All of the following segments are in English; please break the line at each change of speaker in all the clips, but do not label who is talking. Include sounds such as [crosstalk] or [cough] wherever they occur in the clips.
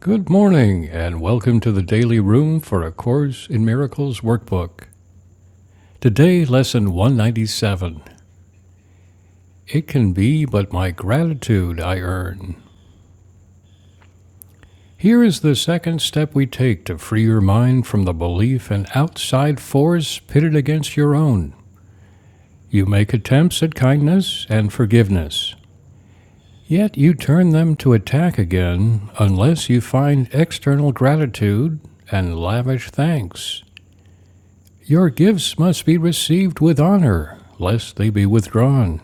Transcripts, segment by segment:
Good morning, and welcome to the Daily Room for A Course in Miracles workbook. Today, lesson 197 It Can Be But My Gratitude I Earn. Here is the second step we take to free your mind from the belief in outside force pitted against your own. You make attempts at kindness and forgiveness, yet you turn them to attack again unless you find external gratitude and lavish thanks. Your gifts must be received with honor, lest they be withdrawn.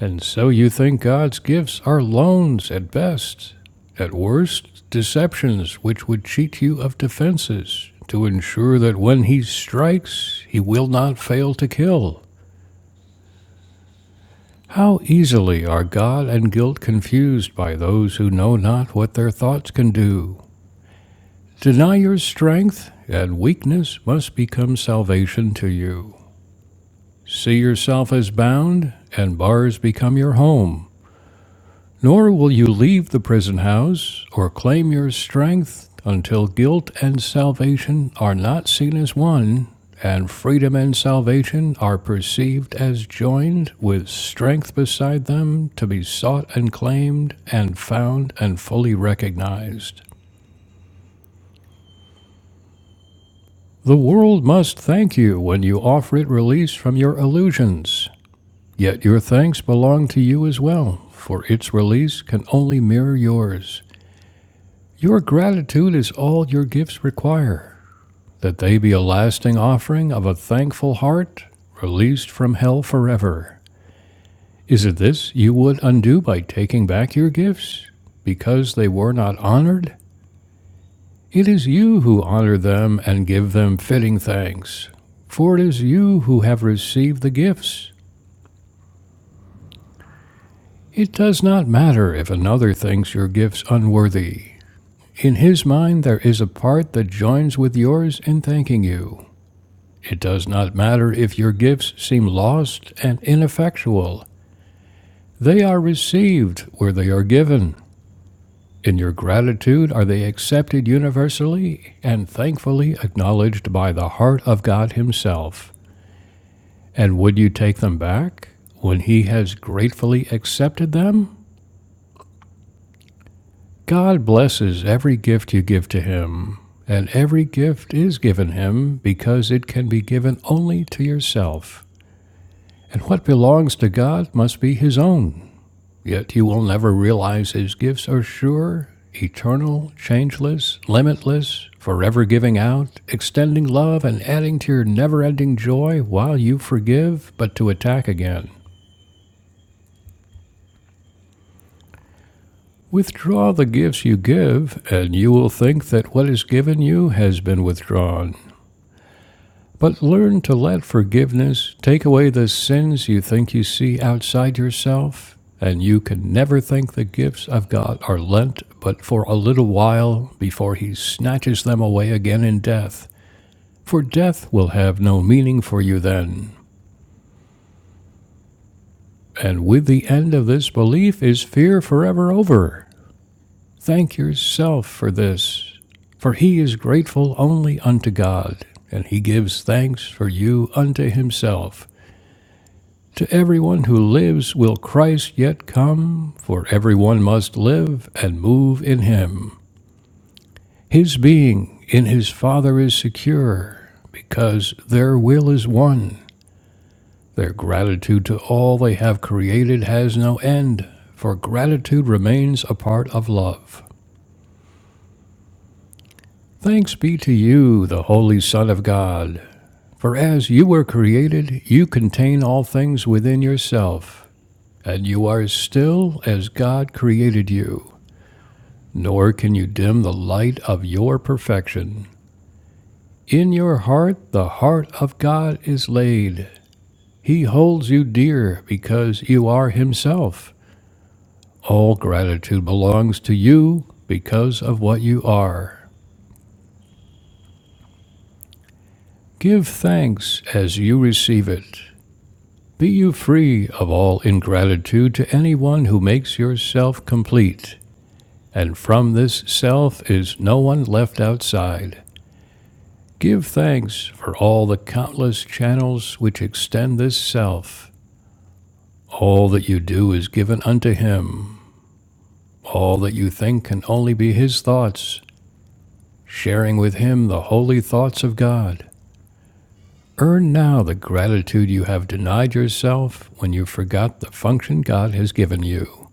And so you think God's gifts are loans at best, at worst, deceptions which would cheat you of defenses, to ensure that when he strikes, he will not fail to kill. How easily are God and guilt confused by those who know not what their thoughts can do. Deny your strength, and weakness must become salvation to you. See yourself as bound, and bars become your home. Nor will you leave the prison house or claim your strength until guilt and salvation are not seen as one, and freedom and salvation are perceived as joined, with strength beside them to be sought and claimed, and found and fully recognized. The world must thank you when you offer it release from your illusions. Yet your thanks belong to you as well, for its release can only mirror yours. Your gratitude is all your gifts require, that they be a lasting offering of a thankful heart, released from hell forever. Is it this you would undo by taking back your gifts? Because they were not honored? It is you who honor them and give them fitting thanks, for it is you who have received the gifts. It does not matter if another thinks your gifts unworthy. In his mind, there is a part that joins with yours in thanking you. It does not matter if your gifts seem lost and ineffectual. They are received where they are given. In your gratitude are they accepted universally and thankfully acknowledged by the heart of God Himself. And would you take them back when He has gratefully accepted them? God blesses every gift you give to Him, and every gift is given Him because it can be given only to yourself. And what belongs to God must be His own. Yet you will never realize His gifts are sure, eternal, changeless, limitless, forever giving out, extending love and adding to your never ending joy while you forgive, but to attack again. Withdraw the gifts you give, and you will think that what is given you has been withdrawn. But learn to let forgiveness take away the sins you think you see outside yourself, and you can never think the gifts of God are lent but for a little while before He snatches them away again in death. For death will have no meaning for you then, and with the end of this belief is fear forever over. Thank yourself for this, for he is grateful only unto God, and he gives thanks for you unto himself. To everyone who lives will Christ yet come, for everyone must live and move in him. His being in his Father is secure, because their will is one. Their gratitude to all they have created has no end, for gratitude remains a part of love. Thanks be to you, the Holy Son of God. For as you were created, you contain all things within yourself, and you are still as God created you. nor can you dim the light of your perfection. In your heart, the heart of God is laid. He holds you dear because you are Himself. All gratitude belongs to you because of what you are. Give thanks as you receive it. Be you free of all ingratitude to anyone who makes yourself complete. And from this self is no one left outside. Give thanks for all the countless channels which extend this self. All that you do is given unto Him. All that you think can only be His thoughts, sharing with Him the holy thoughts of God. Earn now the gratitude you have denied yourself when you forgot the function God has given you.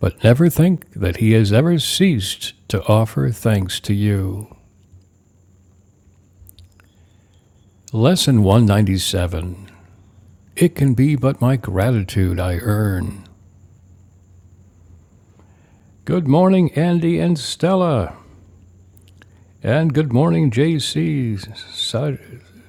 But never think that He has ever ceased to offer thanks to you. Lesson 197 It can be but my gratitude I earn. Good morning, Andy and Stella. And good morning, JC, Sa-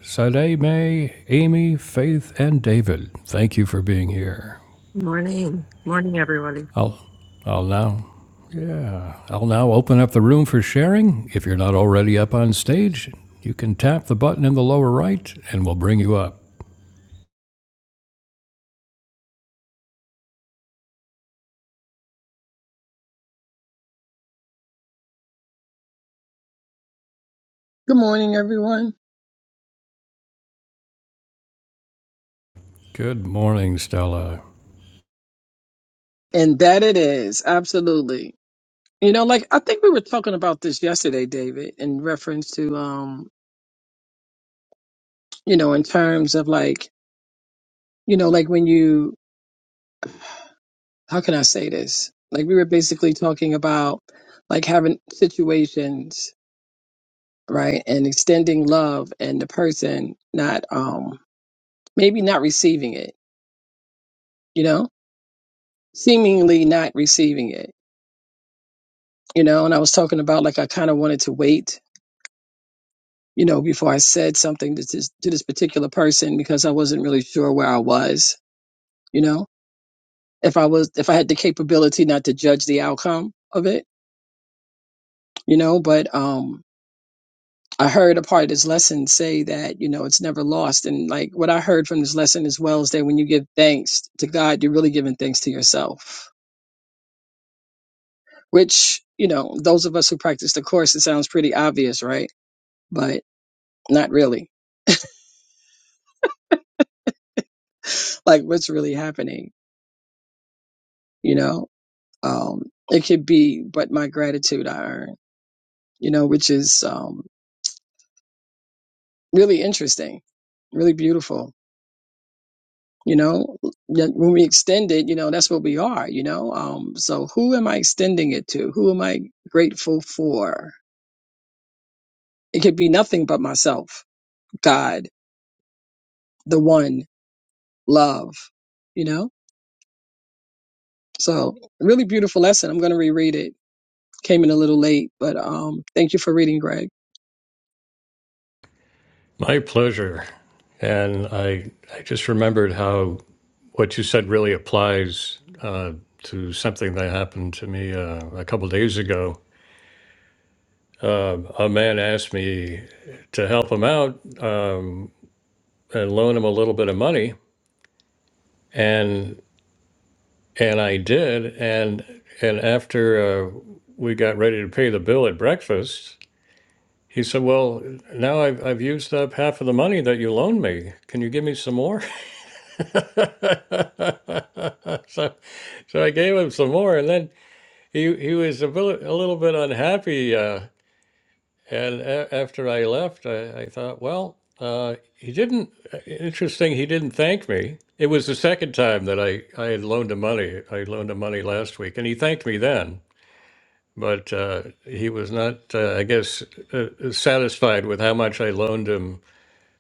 Sademe, Amy, Faith, and David. Thank you for being here.
Morning. Morning, everybody.
I'll, I'll now, yeah, I'll now open up the room for sharing. If you're not already up on stage, you can tap the button in the lower right and we'll bring you up.
Good morning, everyone.
Good morning, Stella.
And that it is, absolutely. You know, like I think we were talking about this yesterday, David, in reference to um, you know, in terms of like, you know, like when you how can I say this? Like we were basically talking about like having situations, right? And extending love and the person not um maybe not receiving it, you know? Seemingly not receiving it. You know, and I was talking about like I kind of wanted to wait you know, before I said something to this, to this particular person because I wasn't really sure where I was, you know, if I was, if I had the capability not to judge the outcome of it, you know, but, um, I heard a part of this lesson say that, you know, it's never lost. And like what I heard from this lesson as well is that when you give thanks to God, you're really giving thanks to yourself, which, you know, those of us who practice the course, it sounds pretty obvious, right? But not really. Like what's really happening, you know? Um, it could be, but my gratitude I earn, you know, which is um, really interesting, really beautiful. You know, Yet when we extend it, you know, that's what we are, you know. Um, so who am I extending it to? Who am I grateful for? It could be nothing but myself, God, the one, love, you know. So really beautiful lesson. I'm going to reread it. Came in a little late, but um, thank you for reading, Greg.
My pleasure. And I, I just remembered how what you said really applies uh, to something that happened to me uh, a couple days ago. Um a man asked me to help him out um, and loan him a little bit of money, and and I did. And and after uh, we got ready to pay the bill at breakfast, he said, "Well, now I've I've used up half of the money that you loaned me. Can you give me some more?" [laughs] so so I gave him some more, and then He he was a bit a little bit unhappy, uh, and a- after I left, I, I thought, well, uh, he didn't. uh, Interesting, he didn't thank me. It was the second time that I I had loaned him money. I loaned him money last week, and he thanked me then. But uh, he was not, uh, I guess, uh, satisfied with how much I loaned him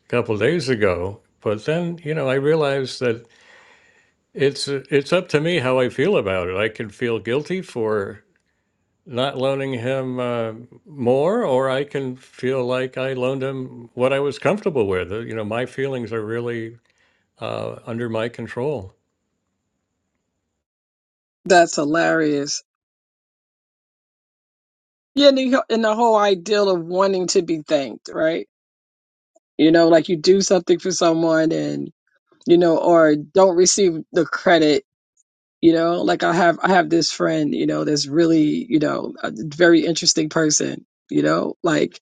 a couple days ago. But then, you know, I realized that it's it's up to me how I feel about it. I can feel guilty for not loaning him uh, more, or I can feel like I loaned him what I was comfortable with. Uh, You know, my feelings are really uh, under my control.
That's hilarious. Yeah, and the, and the whole ideal of wanting to be thanked, right? You know, like you do something for someone and, you know, or don't receive the credit, you know, like I have, I have this friend, you know, that's really, you know, a very interesting person, you know, like,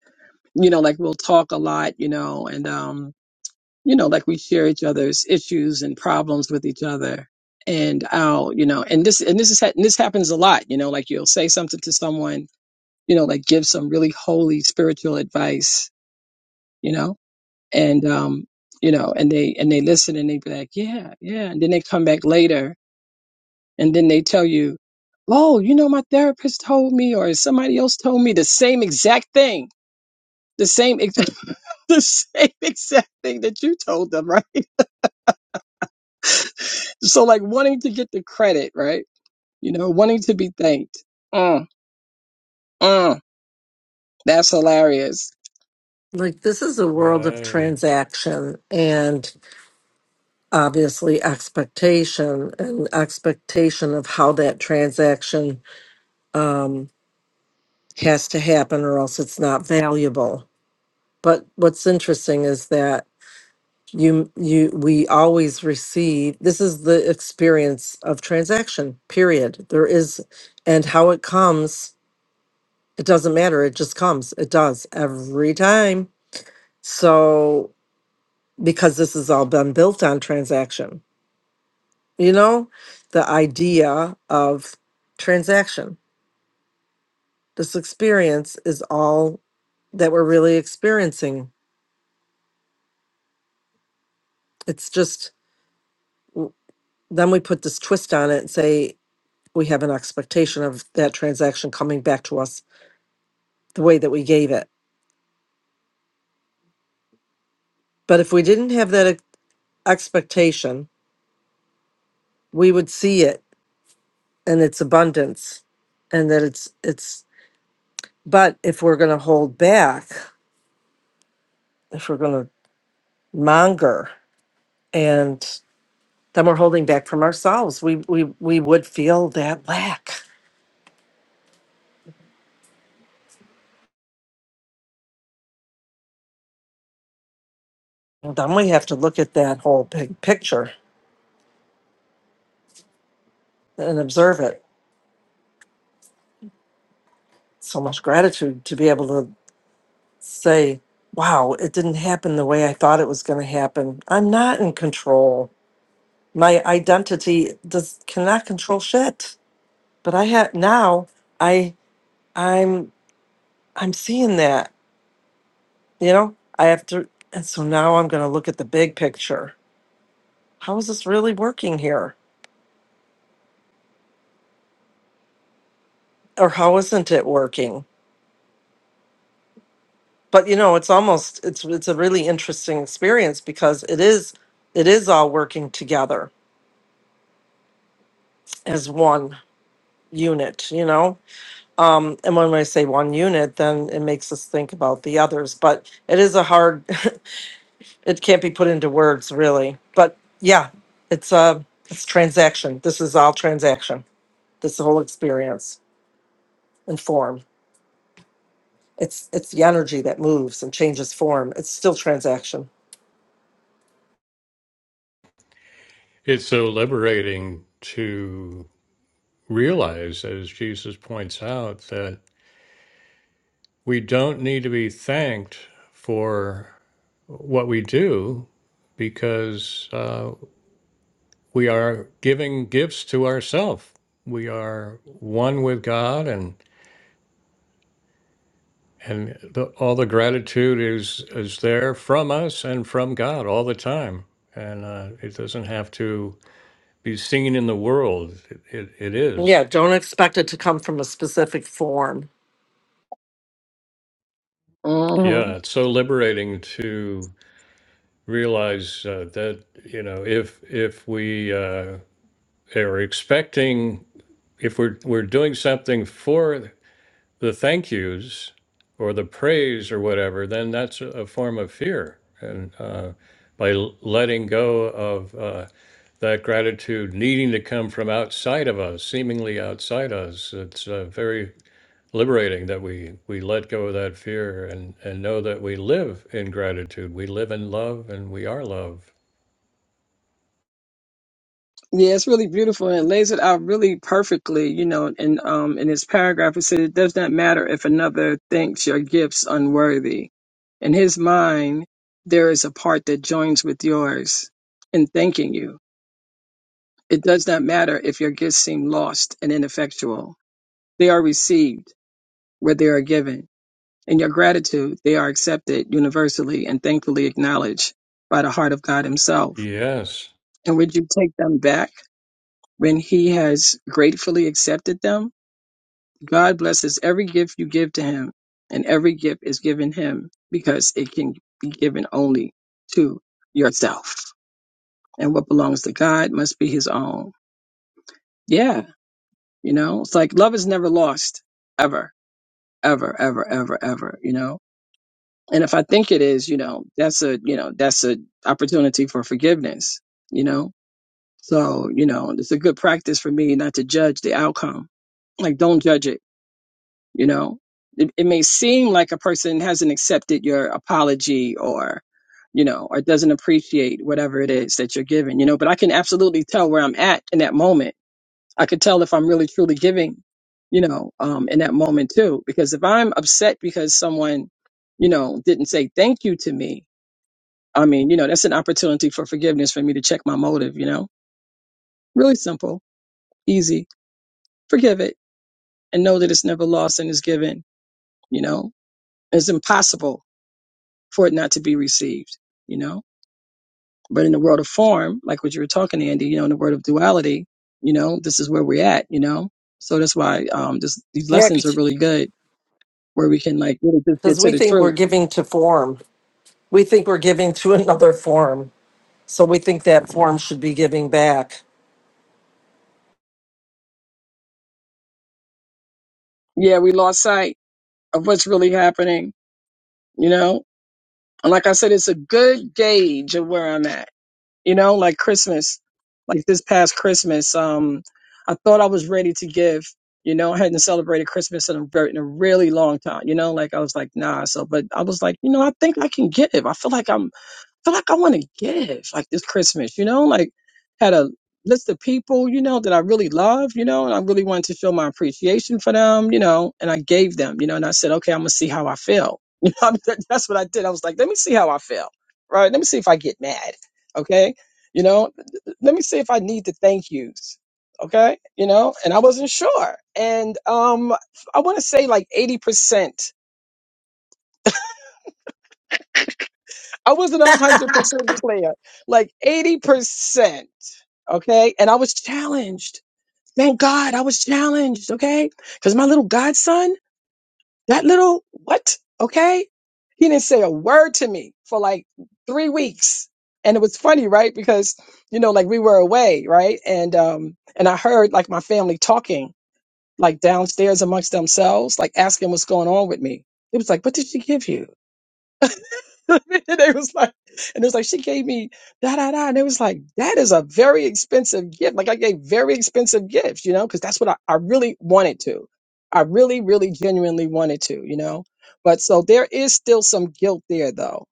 you know, like we'll talk a lot, you know, and, um, you know, like we share each other's issues and problems with each other. And I'll, you know, and this, and this is, ha- and this happens a lot, you know, like you'll say something to someone you know, like give some really holy spiritual advice, you know, and, um, you know, and they, and they listen and they be like, yeah, yeah. And then they come back later and then they tell you, oh, you know, my therapist told me or somebody else told me the same exact thing, the same, ex- [laughs] the same exact thing that you told them, [laughs] right? So like wanting to get the credit, right? You know, wanting to be thanked. Mm, mm, that's hilarious.
Like, this is a world of
Right.
transaction and obviously expectation and expectation of how that transaction um, has to happen or else it's not valuable. But what's interesting is that you you we always receive this is the experience of transaction period there is and how it comes it doesn't matter it just comes it does every time so because this has all been built on transaction. You know, the idea of transaction. This experience is all that we're really experiencing. It's just, w- then we put this twist on it and say we have an expectation of that transaction coming back to us the way that we gave it. But if we didn't have that ex- expectation, we would see it and its abundance and that it's, it's, but if we're going to hold back, if we're going to monger and then we're holding back from ourselves we we we would feel that lack and then we have to look at that whole big picture and observe it so much gratitude to be able to say wow it didn't happen the way i thought it was going to happen i'm not in control my identity does cannot control shit but i have now i i'm i'm seeing that you know i have to and so now i'm going to look at the big picture how is this really working here or how isn't it working but you know it's almost it's it's a really interesting experience because it is it is all working together as one unit you know um and when i say one unit then it makes us think about the others but it is a hard [laughs] it can't be put into words really but yeah it's a it's transaction this is all transaction this whole experience and form it's it's the energy that moves and changes form it's still transaction
It's so liberating to realize, as Jesus points out, that we don't need to be thanked for what we do because uh, we are giving gifts to ourselves. We are one with God and. and the, all the gratitude is is there from us and from God all the time, and uh, it doesn't have to be seen in the world. It, it, it
Yeah,
is,
don't expect it to come from a specific form.
Mm-hmm.
yeah. It's so liberating to realize uh, that you know if if we uh, are expecting if we're we're doing something for the thank yous or the praise or whatever, then that's a a form of fear and. Uh, by l- letting go of uh, that gratitude needing to come from outside of us, seemingly outside us. It's uh, very liberating that we we let go of that fear and and know that we live in gratitude. We live in love, and we are love.
Yeah, it's really beautiful and it lays it out really perfectly, you know, and um in his paragraph it said it does not matter if another thinks your gifts unworthy. In his mind, there is a part that joins with yours in thanking you. It does not matter if your gifts seem lost and ineffectual. They are received where they are given. In your gratitude, they are accepted universally and thankfully acknowledged by the heart of God Himself.
Yes.
And would you take them back? When he has gratefully accepted them, God blesses every gift you give to him, and every gift is given him because it can be given only to yourself. And what belongs to God must be his own. Yeah, you know, it's like love is never lost, ever, ever, ever, ever, ever, you know. And if I think it is, you know, that's a, you know, that's a opportunity for forgiveness, you know. So, you know, it's a good practice for me not to judge the outcome like don't judge it You know, it, it may seem like a person hasn't accepted your apology or, you know, or doesn't appreciate whatever it is that you're giving, you know, but I can absolutely tell where I'm at in that moment. I could tell if I'm really truly giving, you know, um, in that moment too, because if I'm upset because someone, you know, didn't say thank you to me, I mean, you know, that's an opportunity for forgiveness for me to check my motive, you know, really simple, easy, forgive it and know that it's never lost and is given, you know, it's impossible for it not to be received, you know? But in the world of form, like what you were talking, Andy, you know, in the world of duality, you know, this is where we're at, you know? So that's why um this these
Yeah,
lessons are really good where we can like really just get
because
to
we
the
think we're
truth.
giving to form. We think we're giving to [laughs] another form. So we think that form should be giving back.
Yeah, we lost sight of what's really happening, you know? And like I said, it's a good gauge of where I'm at you know, like Christmas, like this past Christmas, um, I thought I was ready to give, you know, I hadn't celebrated Christmas in a, ver- in a really long time, you know, like I was like, nah. So, but I was like, you know, I think I can give. I feel like I'm feel like I want to give like this Christmas, you know, like had a list of people, you know, that I really love, you know, and I really wanted to show my appreciation for them, you know, and I gave them, you know, and I said, okay, I'm gonna see how I feel. [laughs] You know, that- that's what I did. I was like, let me see how I feel, right? Let me see if I get mad, okay? You know, let me see if I need the thank yous, okay? You know, and I wasn't sure, and um, I want to say like eighty percent I wasn't a
[laughs]
hundred percent player, like eighty percent. Okay, and I was challenged. Thank God I was challenged. Okay, because my little godson, that little what? Okay, he didn't say a word to me for like three weeks, and it was funny, right? Because you know, like we were away, right? And um, and I heard like my family talking, like downstairs amongst themselves, like asking what's going on with me. It was like, what did she give you? [laughs] and they was like, and it was like she gave me da da da, and it was like that is a very expensive gift. Like I gave very expensive gifts, you know, because that's what I, I really wanted to. I really, really, genuinely wanted to, you know. But so there is still some guilt there though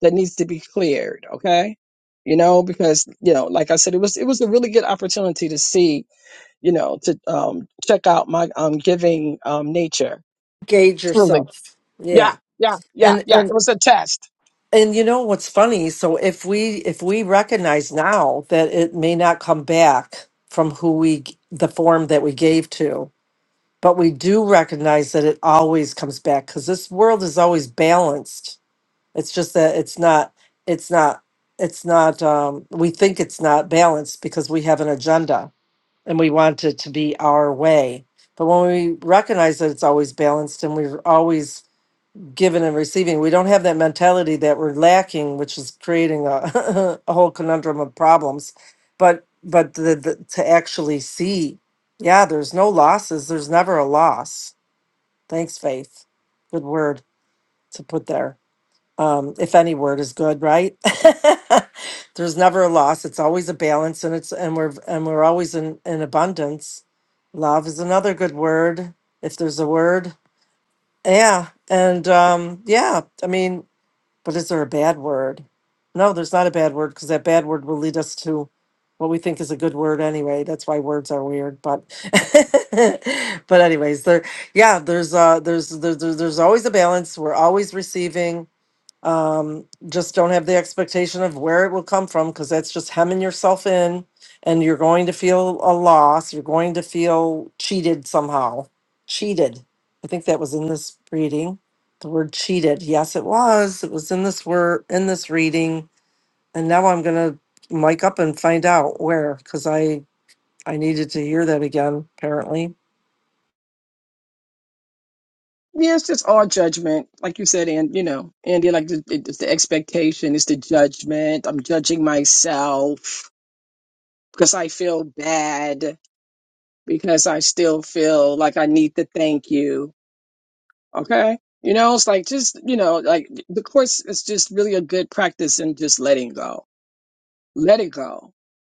that needs to be cleared, okay? You know, because you know, like I said, it was it was a really good opportunity to see, you know, to um check out my um giving um nature.
Gauge
Truly,
yourself.
yeah,
Yeah.
yeah, yeah,
And
yeah. It
and
was a test
and you know what's funny? So if we if we recognize now that it may not come back from who we g- the form that we gave to, but we do recognize that it always comes back because this world is always balanced It's just that it's not, it's not, it's not, um, we think it's not balanced because we have an agenda and we want it to be our way. But when we recognize that it's always balanced and we're always giving and receiving, we don't have that mentality that we're lacking, which is creating a, [laughs] a whole conundrum of problems. But, but the, the, to actually see, yeah, there's no losses. There's never a loss. Thanks, Faith. Good word to put there um, if any word is good, right? [laughs] There's never a loss. It's always a balance, and it's and we're and we're always in in abundance. Love is another good word, if there's a word. Yeah, and um, yeah, I mean, but is there a bad word? No, there's not a bad word because that bad word will lead us to what we think is a good word anyway. That's why words are weird, but [laughs] but anyways, there yeah, there's uh there's there there- there's always a balance. We're always receiving um, just don't have the expectation of where it will come from because that's just hemming yourself in and you're going to feel a loss you're going to feel cheated somehow cheated i think that was in this reading the word cheated yes it was it was in this word in this reading and now i'm going to mic up and find out where because i i needed to hear that again apparently
Yeah, it's just all judgment, like you said, and you know, Andy, like the, it's the expectation, it's the judgment. I'm judging myself because I feel bad because I still feel like I need to thank you. Okay, you know, it's like just you know, like the course is just really a good practice in just letting go, let it go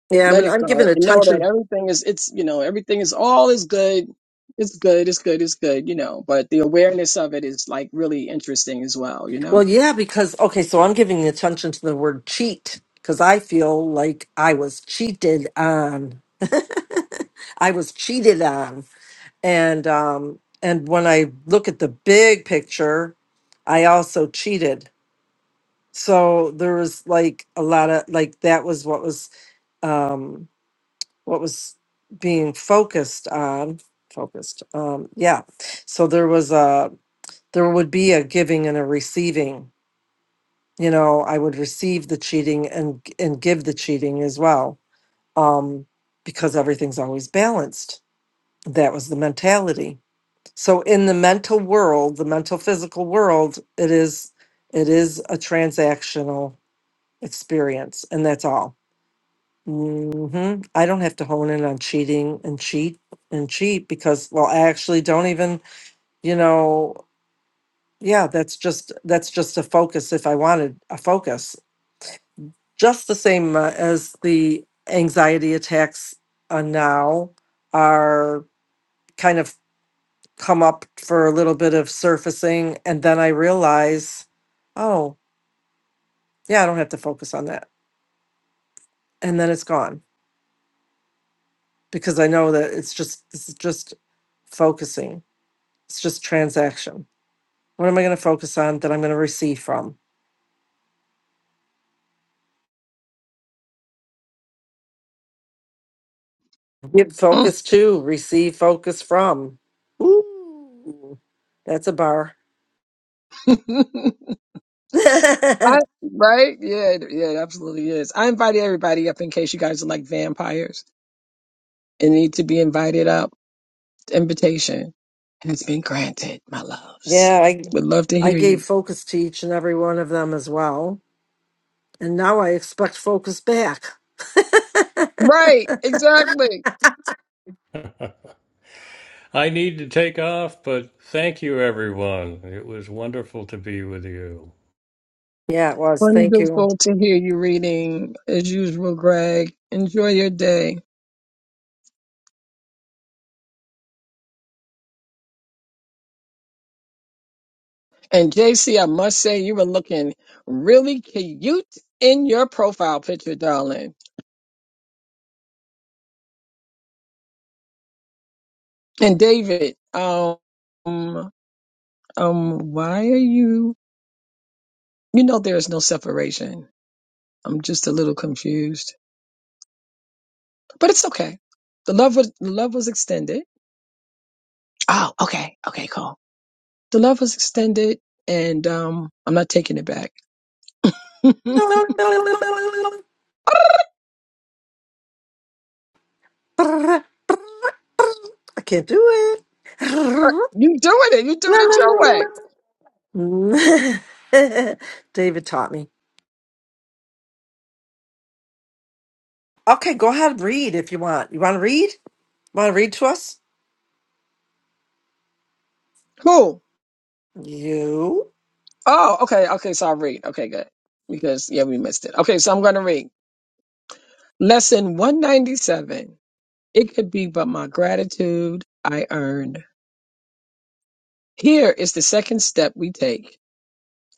yeah i
let
mean
it
i'm giving
go and know
attention
that everything is it's you know everything is all is good it's good it's good it's good you know but the awareness of it is like really interesting as well you
Well,
know
yeah, because okay, so I'm giving attention to the word cheat because I feel like I was cheated on. [laughs] I was cheated on. And um and when I look at the big picture, I also cheated. So there was like a lot of like that was what was um what was being focused on focused um yeah so there was a there would be a giving and a receiving you know, I would receive the cheating and and give the cheating as well, um, because everything's always balanced. That was the mentality. So in the mental world, the mental physical world, it is it is a transactional experience, and that's all. hmm I don't have to hone in on cheating and cheat and cheat because, well, I actually don't even, you know, yeah, that's just that's just a focus. If I wanted a focus, just the same uh, as the anxiety attacks uh, now are kind of come up for a little bit of surfacing and then i realize oh yeah i don't have to focus on that and then it's gone because i know that it's just this is just focusing it's just transaction what am i going to focus on that i'm going to receive from give
Mm.
focus to receive focus from Ooh, that's a bar
[laughs]
[laughs] yeah
I, right yeah it- yeah it absolutely is i invited everybody up in case you guys are like vampires and need to be invited up The invitation has been granted, my loves.
I
Would love to
I
hear
gave
you.
focus to each and every one of them as well. And now I expect focus back. [laughs]
Right, exactly.
I need to take off, but thank you, everyone. It was wonderful to be with you.
yeah, it was. Thank you.
Wonderful to hear you reading as usual, Greg. Enjoy your day. And J C, I must say you were looking really cute in your profile picture, darling. And David, um, um, why are you? You know, there is no separation. I'm just a little confused, but it's okay. The love was the love was extended. Oh, okay, okay, cool. The love was extended, and um, I'm not taking it back. [laughs] you doing
[laughs] I can't do it.
it? You doing it your way?
[laughs] David taught me. Okay, go ahead, read if you want. You want to read? Want to read to us?
Who?
You,
Oh, okay, okay. So I'll read. Okay, good. Because yeah, we missed it. Okay, so I'm gonna read lesson 197. It could be but my gratitude I earned. Here is the second step we take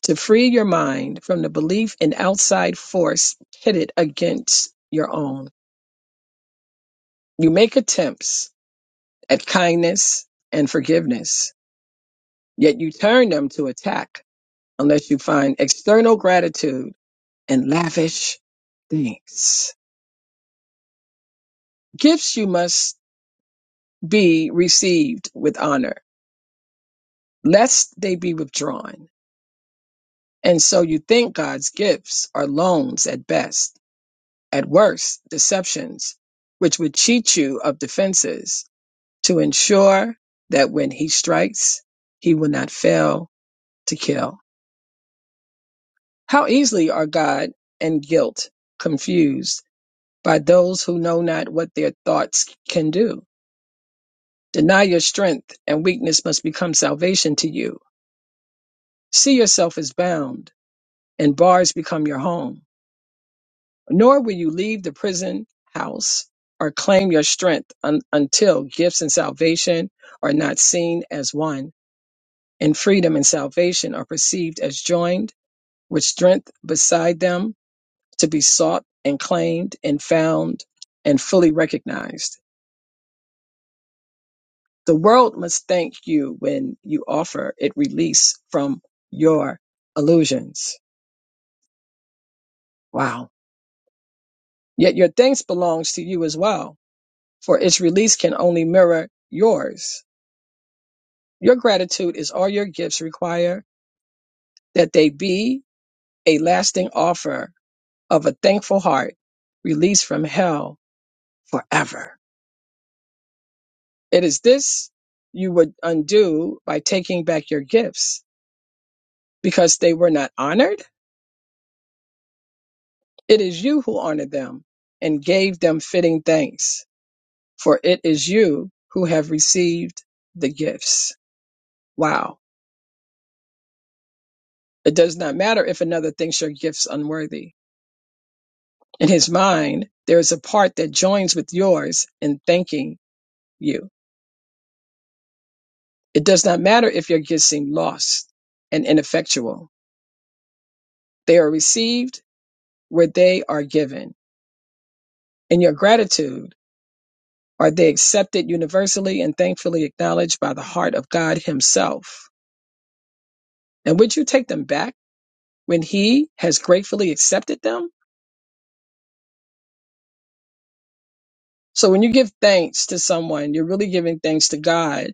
to free your mind from the belief in outside force pitted against your own. You make attempts at kindness and forgiveness Yet you turn them to attack unless you find external gratitude and lavish thanks. Gifts you must be received with honor, lest they be withdrawn. And so you think God's gifts are loans at best, at worst, deceptions, which would cheat you of defenses to ensure that when he strikes, he will not fail to kill. How easily are God and guilt confused by those who know not what their thoughts can do. Deny your strength, and weakness must become salvation to you. See yourself as bound, and bars become your home. Nor will you leave the prison house or claim your strength un- until gifts and salvation are not seen as one, and freedom and salvation are perceived as joined, with strength beside them to be sought and claimed and found and fully recognized. The world must thank you when you offer it release from your illusions. Wow. Yet your thanks belongs to you as well, for its release can only mirror yours. Your gratitude is all your gifts require that they be a lasting offer of a thankful heart released from hell forever. It is this you would undo by taking back your gifts because they were not honored. It is you who honored them and gave them fitting thanks, for it is you who have received the gifts. Wow. It does not matter if another thinks your gifts unworthy. In his mind, there is a part that joins with yours in thanking you. It does not matter if your gifts seem lost and ineffectual. They are received where they are given. In your gratitude, are they accepted universally and thankfully acknowledged by the heart of God Himself? And would you take them back when he has gratefully accepted them? So when you give thanks to someone, you're really giving thanks to God.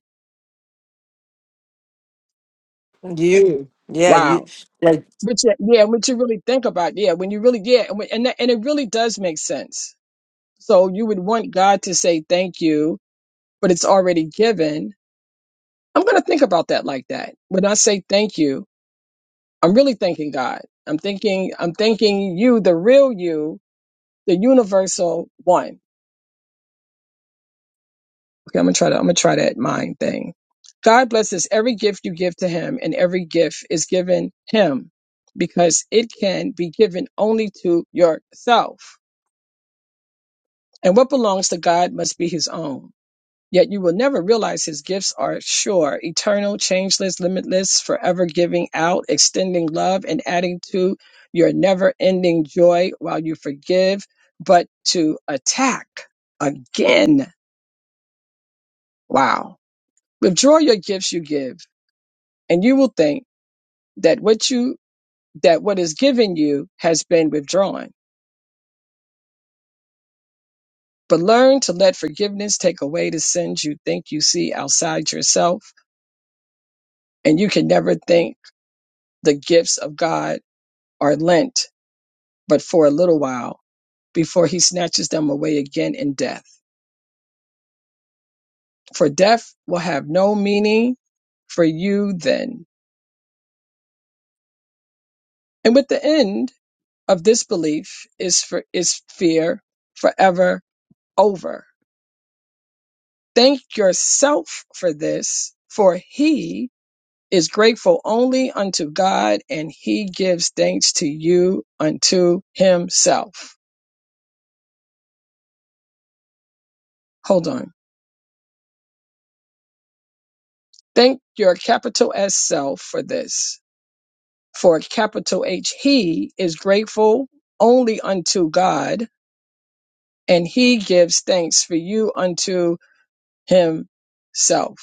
you, yeah, you.
Wow.
yeah,
Which, yeah, yeah, what you really think about. Yeah, when you really, yeah, and, when- and, that, and it really does make sense. So you would want God to say thank you, but it's already given. I'm going to think about that like that. When I say thank you, I'm really thanking God. I'm thinking, I'm thanking you, the real you, the universal one Okay, I'm gonna try to I'm gonna try that mind thing. God blesses every gift you give to him, and every gift is given him because it can be given only to yourself. And what belongs to God must be his own. Yet you will never realize his gifts are sure, eternal, changeless, limitless, forever giving out, extending love, and adding to your never ending joy while you forgive, but to attack again. Wow. Withdraw your gifts you give and you will think that what you that what is given you has been withdrawn. But learn to let forgiveness take away the sins you think you see outside yourself, and you can never think the gifts of God are lent but for a little while before he snatches them away again in death. For death will have no meaning for you then. And with the end of this belief is for is fear forever over Thank yourself for this, for he is grateful only unto God and he gives thanks to you unto himself. Hold on. Thank your capital S self for this, for capital H, he is grateful only unto God and he gives thanks for you unto himself.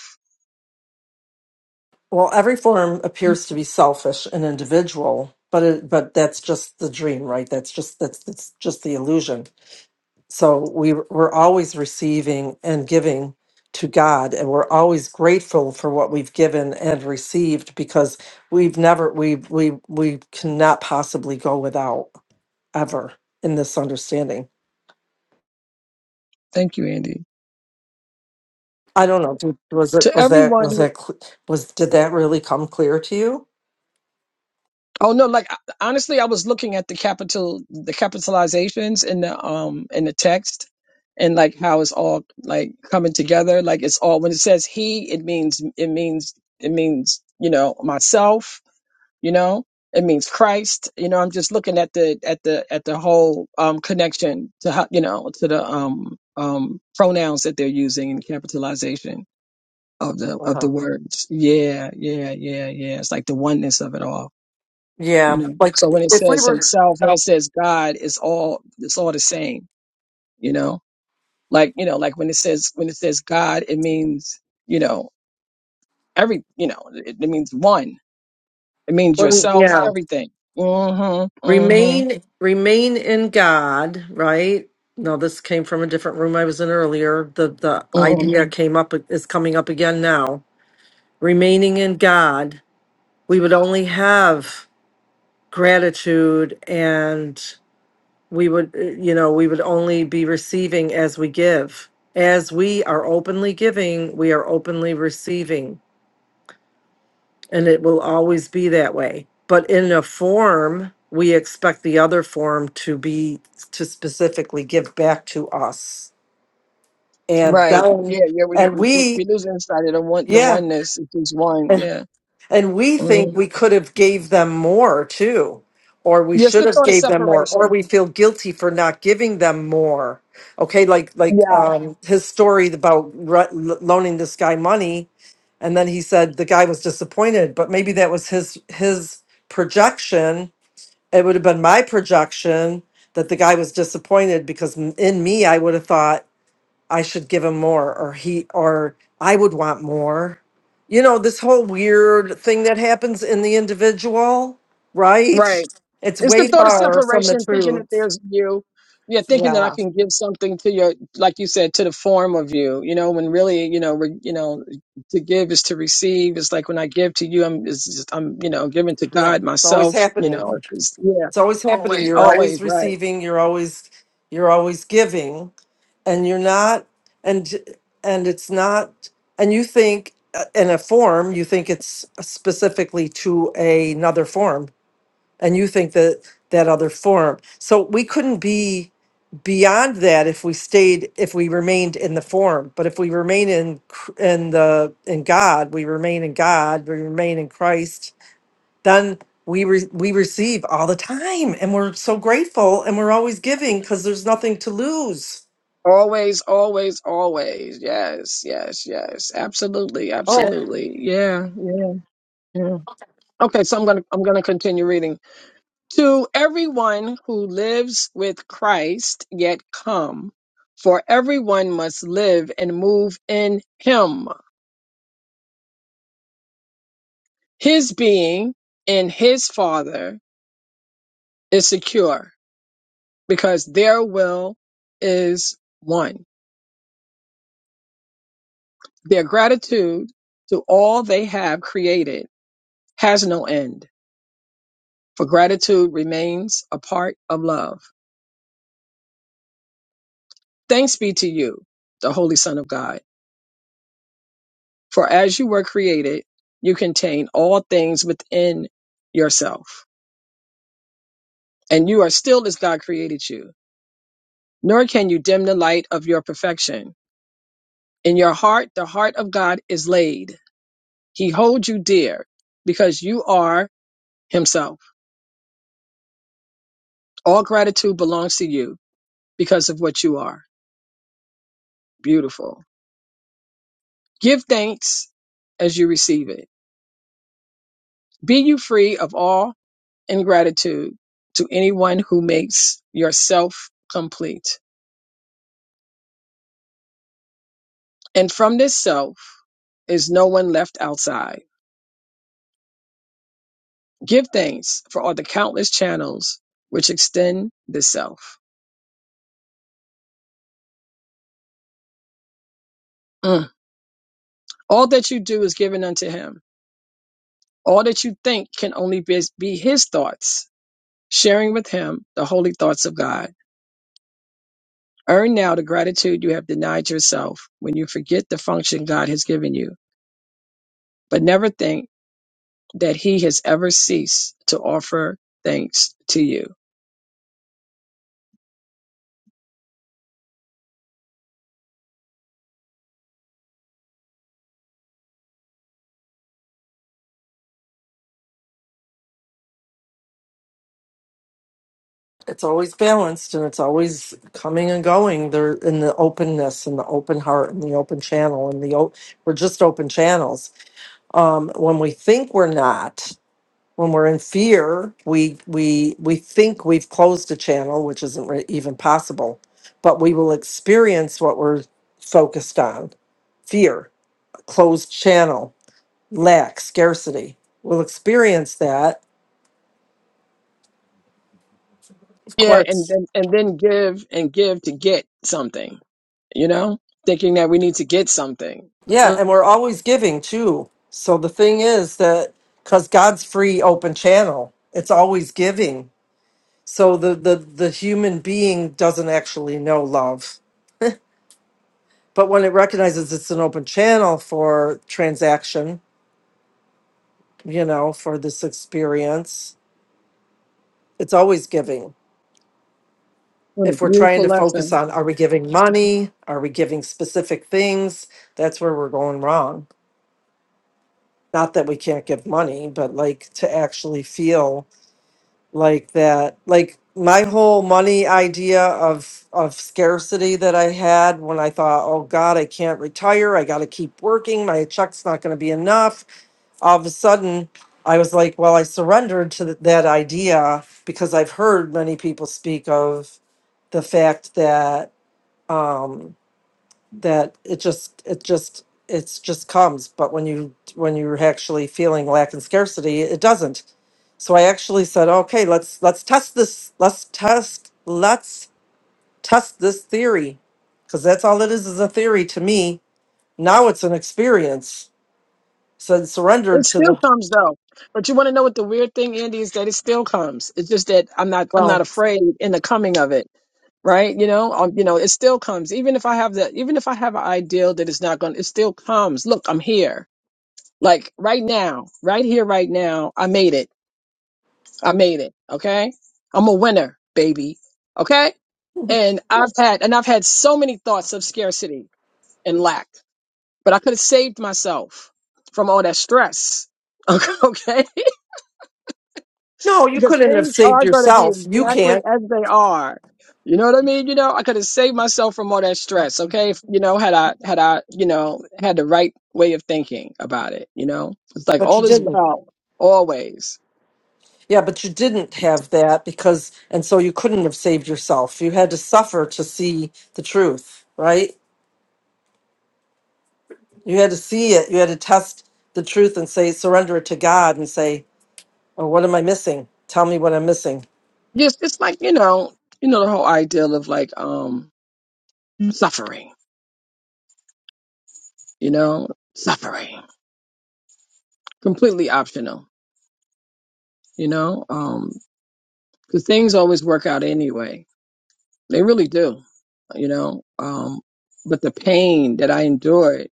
Well, every form appears to be selfish and individual, but it, but that's just the dream, right? That's just that's that's just the illusion. So we we're always receiving and giving to God, and we're always grateful for what we've given and received because we've never we we we cannot possibly go without ever in this understanding.
Thank you, Andy.
I don't know. did- Was it
To
was that
everyone
was
who
that cl- was did that really come clear to you?
Oh no, like I- honestly, I was looking at the capital, the capitalizations in the um in the text, and like how it's all like coming together. Like it's all when it says he, it means it means it means you know myself. You know, it means Christ. You know, I'm just looking at the at the at the whole um connection to how you know to the um um pronouns that they're using in capitalization of the of
Uh-huh.
the words. Yeah, yeah, yeah, yeah. It's like the oneness of it all you
Yeah,
know so
like
when it
if we
says
were.
himself when it says god it's all it's all the same you know like you know like when it says when it says god it means you know every you know it, it means one it means
Well,
yourself
yeah.
everything mhm mhm
Remain remain in God, right? No, this came from a different room I was in earlier. The the
mhm
idea Mhm. came up is coming up again now. Remaining in God, we would only have gratitude and we would uh, you know, we would only be receiving as we give. As we are openly giving, we are openly receiving. and it will always be that way. But in a form, we expect the other form to be to specifically give back to us. And
right yeah
then,
yeah we
and
we we
we,
lose inside of the one the
yeah.
oneness it's just one yeah
And we think
mhm.
we could have gave them more too, or we
yes
should
the
have
thought of
gave them more, or
separation
we feel guilty for not giving them more. Okay, like like
Yeah.
um, his story about re- loaning this guy money, and then he said the guy was disappointed, but maybe that was his his projection. It would have been my projection that the guy was disappointed because in me I would have thought I should give him more or he or I would want more. You know, this whole weird thing that happens in the individual, right?
Right.
It's
It's the
way
thought of
far from the
separation, thinking
truth.
that there's you. Yeah, thinking that I
Yeah.
can give something to your, like you said, to the form of you. You know, when really, you know, re, you know, to give is to receive. It's like when I give to you, I'm, it's just, I'm, you know, giving to
Yeah.
God
It's always
myself. You know,
happening.
it's, yeah,
It's always happening. You're right?
always
always
right,
receiving, you're always you're always giving and you're not and and it's not and you think uh, in a form, you think it's specifically to another form and you think that that other form. So we couldn't be beyond that if we stayed if we remained in the form. But if we remain in Cr- in the in God, we remain in God, we remain in Christ, then we re- we receive all the time and we're so grateful and we're always giving cuz there's nothing to lose.
always, always, always. Yes, yes, yes, absolutely,
Oh,
absolutely. Yeah, yeah, yeah. Okay, so I'm gonna, I'm gonna continue reading. To everyone who lives with Christ yet come, for everyone must live and move in him. His being in his Father is secure because their will is one. Their gratitude to all they have created has no end, for gratitude remains a part of love. Thanks be to you, the Holy Son of God. For as you were created, you contain all things within yourself, and you are still as God created you, nor can you dim the light of your perfection. In your heart, the heart of God is laid. He holds you dear because you are Himself. All gratitude belongs to you because of what you are. Beautiful. Give thanks as you receive it. Be you free of all ingratitude to anyone who makes yourself complete And from this self is no one left outside. Give thanks for all the countless channels which extend the self. Mm. All that you do is given unto him. All that you think can only be, be his thoughts, sharing with him the holy thoughts of God. Earn now the gratitude you have denied yourself when you forget the function God has given you, but never think that he has ever ceased to offer thanks to you.
it's always balanced and it's always coming and going. There in the openness and the open heart and the open channel and the o- we're just open channels um, when we think we're not when we're in fear we we we think we've closed a channel which isn't re- even possible but we will experience what we're focused on fear closed channel lack scarcity we'll experience that Of
Yeah, and
course.
then and then give and give to get something you know, thinking that we need to get something.
yeah
Mm,
and we're always giving too so the thing is that because god's free open channel it's always giving so the the the human being doesn't actually know love But when it recognizes it's an open channel for transaction, you know, for this experience, it's always giving.
what a
If we're trying
beautiful
to focus
lesson.
on are we giving money? Are we giving specific things? That's where we're going wrong. Not that we can't give money, but like to actually feel like that, like my whole money idea of of scarcity that I had when I thought, oh God, I can't retire. I gotta keep working. My check's not gonna be enough all of a sudden I was like, well, I surrendered to th- that idea because I've heard many people speak of the fact that um, that it just it just it's just comes, but when you when you're actually feeling lack and scarcity, it doesn't. So I actually said, okay, let's let's test this. Let's test let's test this theory because that's all it is is a theory to me. Now it's an experience. So I
It
surrendered to
still
the
comes though. But you want to know what the weird thing, Andy, is that it still comes. It's just that I'm not I'm
well.
not afraid in the coming of it. Right. You know, um, you know, it still comes. Even if I have that, even if I have an ideal that it's not going it still comes. Look, I'm here. Like right now, right here, right now, I made it. I made it. Okay. I'm a winner, baby. Okay. And I've had, and I've had so many thoughts of scarcity and lack But I could have saved myself from all that stress. [laughs] Okay?
No, you
Because
couldn't have
things
saved
are going to be
yourself. You
exactly
can't,
as they are. You know what I mean? You know, I could have saved myself from all that stress, okay? If, you know, had I had I, you know, had the right way of thinking about it, you know? It's like
but you
all is
didn't.
well, always.
Yeah, but you didn't have that because, and so you couldn't have saved yourself. You had to suffer to see the truth, right? You had to see it. You had to test the truth and say, surrender it to God and say, oh, what am I missing? Tell me what I'm missing.
Just it's like, you know, you know the whole ideal of like um suffering, you know? Suffering. Completely optional, you know? Um because things always work out anyway They really do, you know. Um, but the pain that I endured,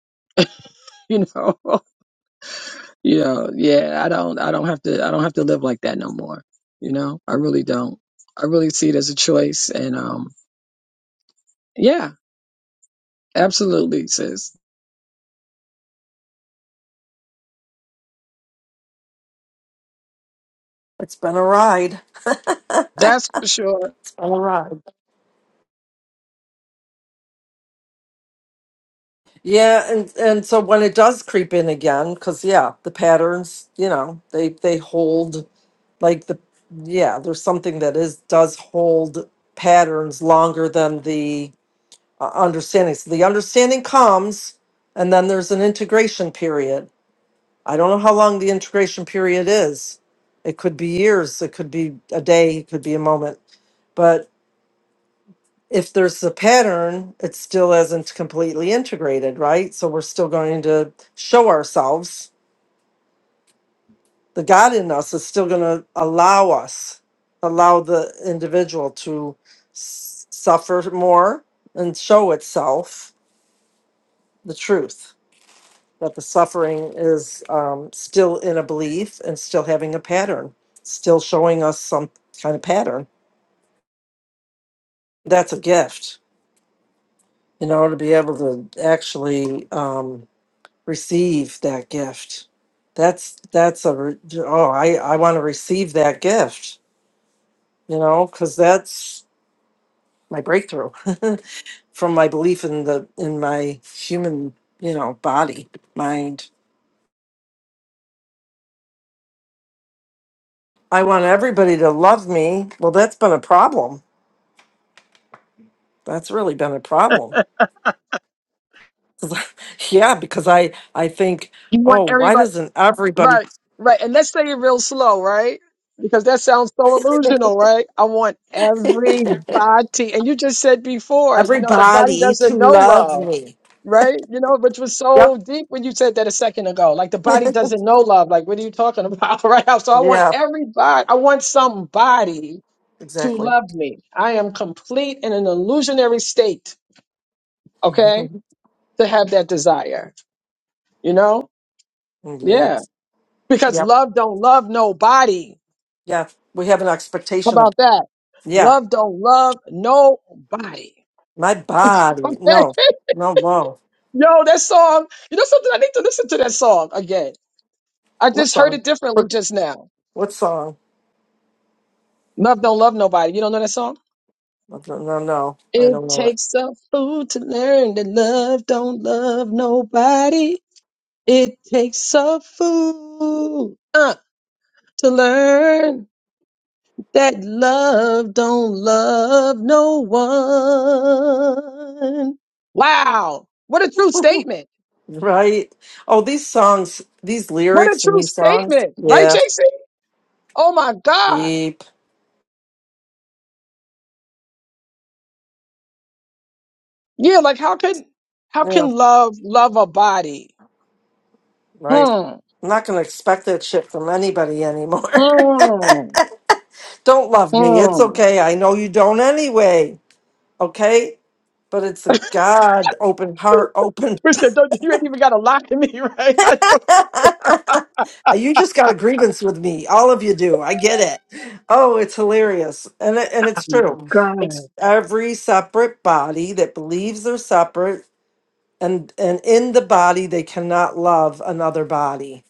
[laughs] you know, [laughs] you know, yeah, I don't, I don't have to, I don't have to live like that no more. You know, I really don't. I really see it as a choice, and um, yeah, absolutely, sis.
It's been a ride.
That's for sure.
It's been a ride. Yeah, and and so when it does creep in again, because yeah, the patterns, you know, they they hold like the yeah there's something that is does hold patterns longer than the uh, understanding so the understanding comes and then there's an integration period i don't know how long the integration period is it could be years it could be a day it could be a moment but if there's a pattern it still isn't completely integrated right so we're still going to show ourselves the God in us is still going to allow us, allow the individual to s- suffer more and show itself the truth that the suffering is um, still in a belief and still having a pattern, still showing us some kind of pattern. That's a gift, you know, to be able to actually um, receive that gift. That's that's a re- oh I I want to receive that gift, you know, because that's my breakthrough [laughs] from my belief in the in my human you know body mind i want everybody to love me well that's been a problem that's really been a problem. [laughs] yeah because i i think
You want
oh why
everybody.
doesn't everybody
Right, right. And let's say it real slow, right? Because that sounds so illusional, right? I want everybody. And you just said before, you know, the body
everybody to
doesn't know
love
love,
me
right? You know, which was
yep
so deep when you said that a second ago. Like the body doesn't know love. Like, what are you talking about? [laughs] Right now. So I want
yeah
everybody, I want somebody to
exactly
love me. I am complete in an illusionary state, okay?
[laughs]
To have that desire, you know?
yeah
Yeah. Because
yep
love don't love nobody.
yeah we have an
How
expectation of
about that?
yeah
Love don't love nobody.
my
Okay.
body
[laughs]
no no no
Yo, that song, you know something? I need to listen to that song again. I
what
just heard
song
it differently
what,
just now.
what song
Love don't love nobody. You don't know that song?
Well, No, no, no, I
It
don't know it.
takes a fool to learn that love don't love nobody. It takes a fool uh, to learn that love don't love no one. Wow. What a true statement.
Right? Oh, these songs, these
What a
lyrics and
true
these songs.
statement, right,
Yeah,
JC? Oh my God.
deep.
Yeah, like how can how
Yeah,
can love love a body?
right.
Hmm.
I'm not going to expect that shit from anybody anymore.
Hmm.
[laughs] don't love me. It's
Hmm.
okay. I know you don't anyway. Okay? But it's a God, open heart, open.
Christian, don't you ain't even gotta lie to me, [laughs] right? I know
[laughs] You just got a grievance with me. All of you do. I get it. Oh, it's hilarious. And it, and it's true.
God.
It's every separate body that believes they're separate and and in the body they cannot love another body.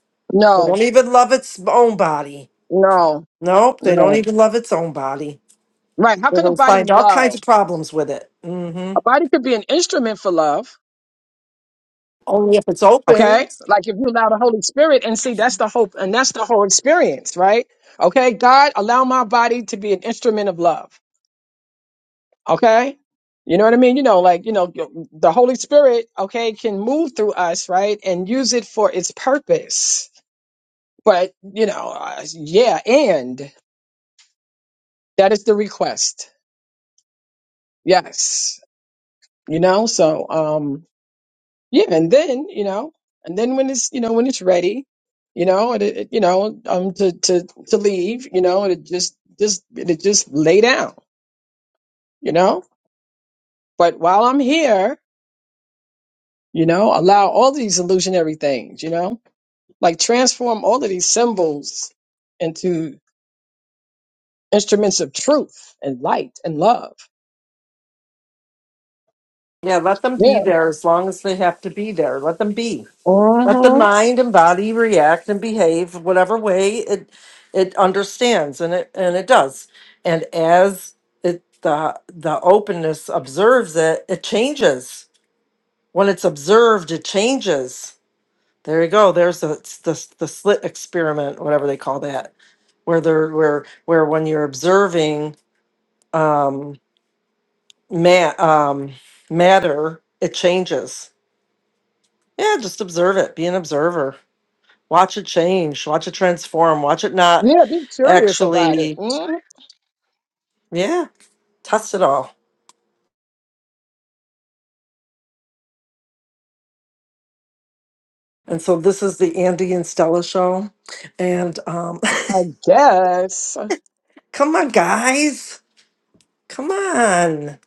They
No,
don't even love its own body.
no,
Nope, they don't
no.
even love its own body.
Right. How can a
They'll
body
find all kinds
love?
of problems with it. hmm
A body could be an instrument for love.
Only if it's
Okay.
open.
Like if you allow the Holy Spirit and see that's the hope and that's the whole experience, right? Okay, God, allow my body to be an instrument of love. Okay. You know what I mean? You know, like, you know, the Holy Spirit, okay, can move through us, right? And use it for its purpose. But, you know, uh, yeah, and that is the request. Yes. You know, so, um, yeah. And then, you know, and then when it's, you know, when it's ready, you know, and it, it- you know, um, to, to, to leave, you know, and it just, just, it just lay down, you know, but while I'm here, you know, allow all these illusionary things, you know, Like transform all of these symbols into instruments of truth and light and love.
Yeah, let them be
Yeah.
there as long as they have to be there. Let them be. Let the
hmm
mind and body react and behave whatever way it it understands and it and it does. And as it the the openness observes it, it changes. When it's observed, it changes. There you go. There's the it's the, the slit experiment, whatever they call that, where there where where when you're observing um, ma- um, matter, it changes. Yeah, just observe it. Be an observer. Watch it change, watch it transform, watch it not
Yeah, be curious about it.
actually,
hmm
yeah, test it all. And so this is the Andy and Stella show. And um,
I guess.
[laughs] come on, guys, come on.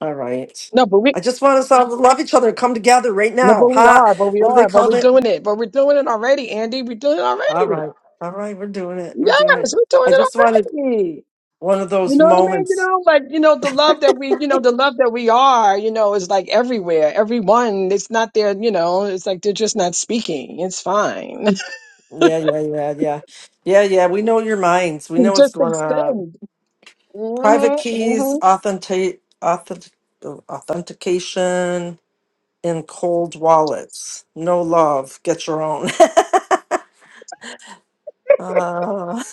All right.
No, but we
I just want us all to love each other, come together right
no,
now.
but we
Ha,
are, but we
what do they
are, but we're
call it?
doing it. But we're doing it already, Andy. We're doing it
All
already.
right, all right, we're doing it, we're
Yes,
doing it.
we're doing
I
it
just wanted
already.
one of
You
those
know what I mean? You
moments.
know, like you know, the love that we, you know, the love that we are, you know, is like everywhere. Everyone, it's not their, you know, it's like they're just not speaking. It's fine.
Yeah, yeah, yeah, yeah. Yeah, yeah, we know your minds. We know what's
Just
going on.
extend.
private
Mm-hmm, mm-hmm.
keys, authentic, authentic, authentication in cold wallets. No love. Get your own. [laughs] uh,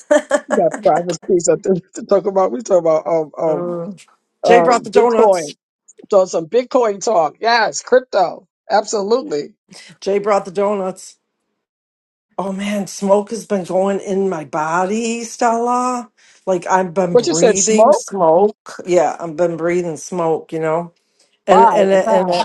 We got
[laughs]
private keys up there to talk about. We talk about um um
mm. Jay brought the
um Bitcoin.
donuts.
So some Bitcoin talk. Yes, crypto. Absolutely.
Jay brought the donuts. Oh man, smoke has been going in my body, Stella. Like I've been
What you said,
breathing
smoke?
smoke. Yeah, I've been breathing smoke. You know, and
Why
and
and
and.
how?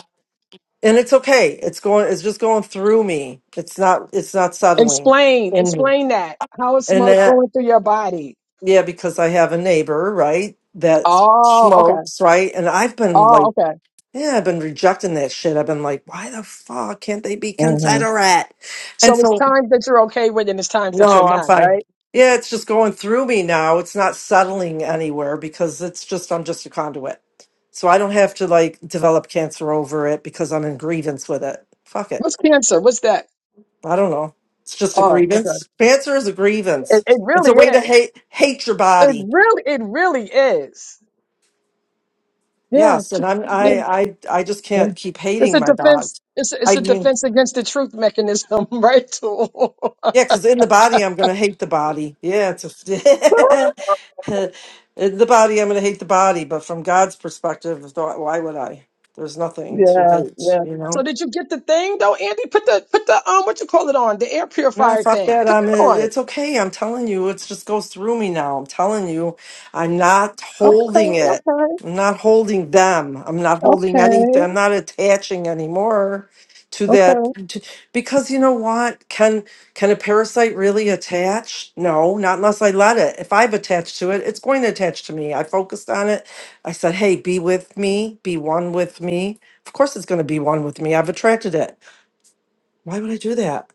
and it's okay it's going it's just going through me it's not it's not settling
Explain.
in me
Explain that. How is
and
smoke
that
going through your body?
yeah because i have a neighbor right that
Oh, okay.
smokes right and i've been
Oh,
like
okay.
yeah i've been rejecting that shit i've been like why the fuck can't they be
hmm
considerate and
So it's
so
times that you're okay with and it's times that you're
no i'm
not,
fine
right?
yeah it's just going through me now it's not settling anywhere because it's just i'm just a conduit so i don't have to like develop cancer over it because i'm in grievance with it fuck it
What's cancer? What's that?
I don't know. It's just a
Oh,
grievance.
okay.
Cancer is a
It,
grievance.
it
It's a
really
way to
is.
hate hate your
It
body.
really, it really is. Yeah,
Yes,
tr-
and I'm
yeah.
I I I just
yeah.
can't keep
It's
hating
a
my body.
defense. It's a,
I
it's a
mean,
defense against the truth mechanism, [laughs] right? Tool. [laughs]
yeah, because in the body I'm gonna hate the body. Yeah, it's a, [laughs] in the body I'm gonna hate the body, but from God's perspective, th- why would I? There's nothing to
yeah,
hate,
yeah.
you
So
know.
did you get the thing though, Andy? Put the put the um what you call it on the air
Nah,
purifier
fuck
thing.
that.
Put
I'm. uh,
that on.
It's okay. I'm telling you, it just goes through me now. I'm telling you, I'm not holding
Okay,
it. I'm not holding them. I'm not
okay,
holding
okay,
anything. I'm not attaching anymore to that.
okay.
To, because you know what? Can can a parasite really attach? No, not unless I let it. If I've attached to it, it's going to attach to me. I focused on it. I said, "Hey, be with me. Be one with me." Of course, it's going to be one with me. I've attracted it. Why would I do that?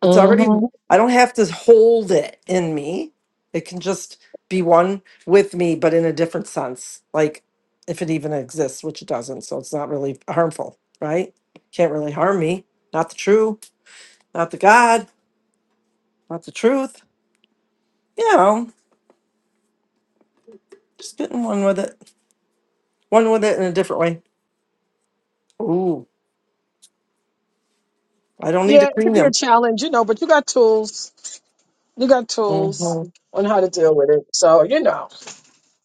It's already,
hmm
I don't have to hold it in me. It can just be one with me, but in a different sense, like if it even exists, which it doesn't. So it's not really harmful, right? Can't really harm me. Not the true, not the God, not the truth. You know, just getting one with it, one with it in a different way. Ooh, I don't need to
Yeah, it
clean
could be a
them.
challenge, you know, but you got tools. You got tools
hmm
on how to deal with it. So you know.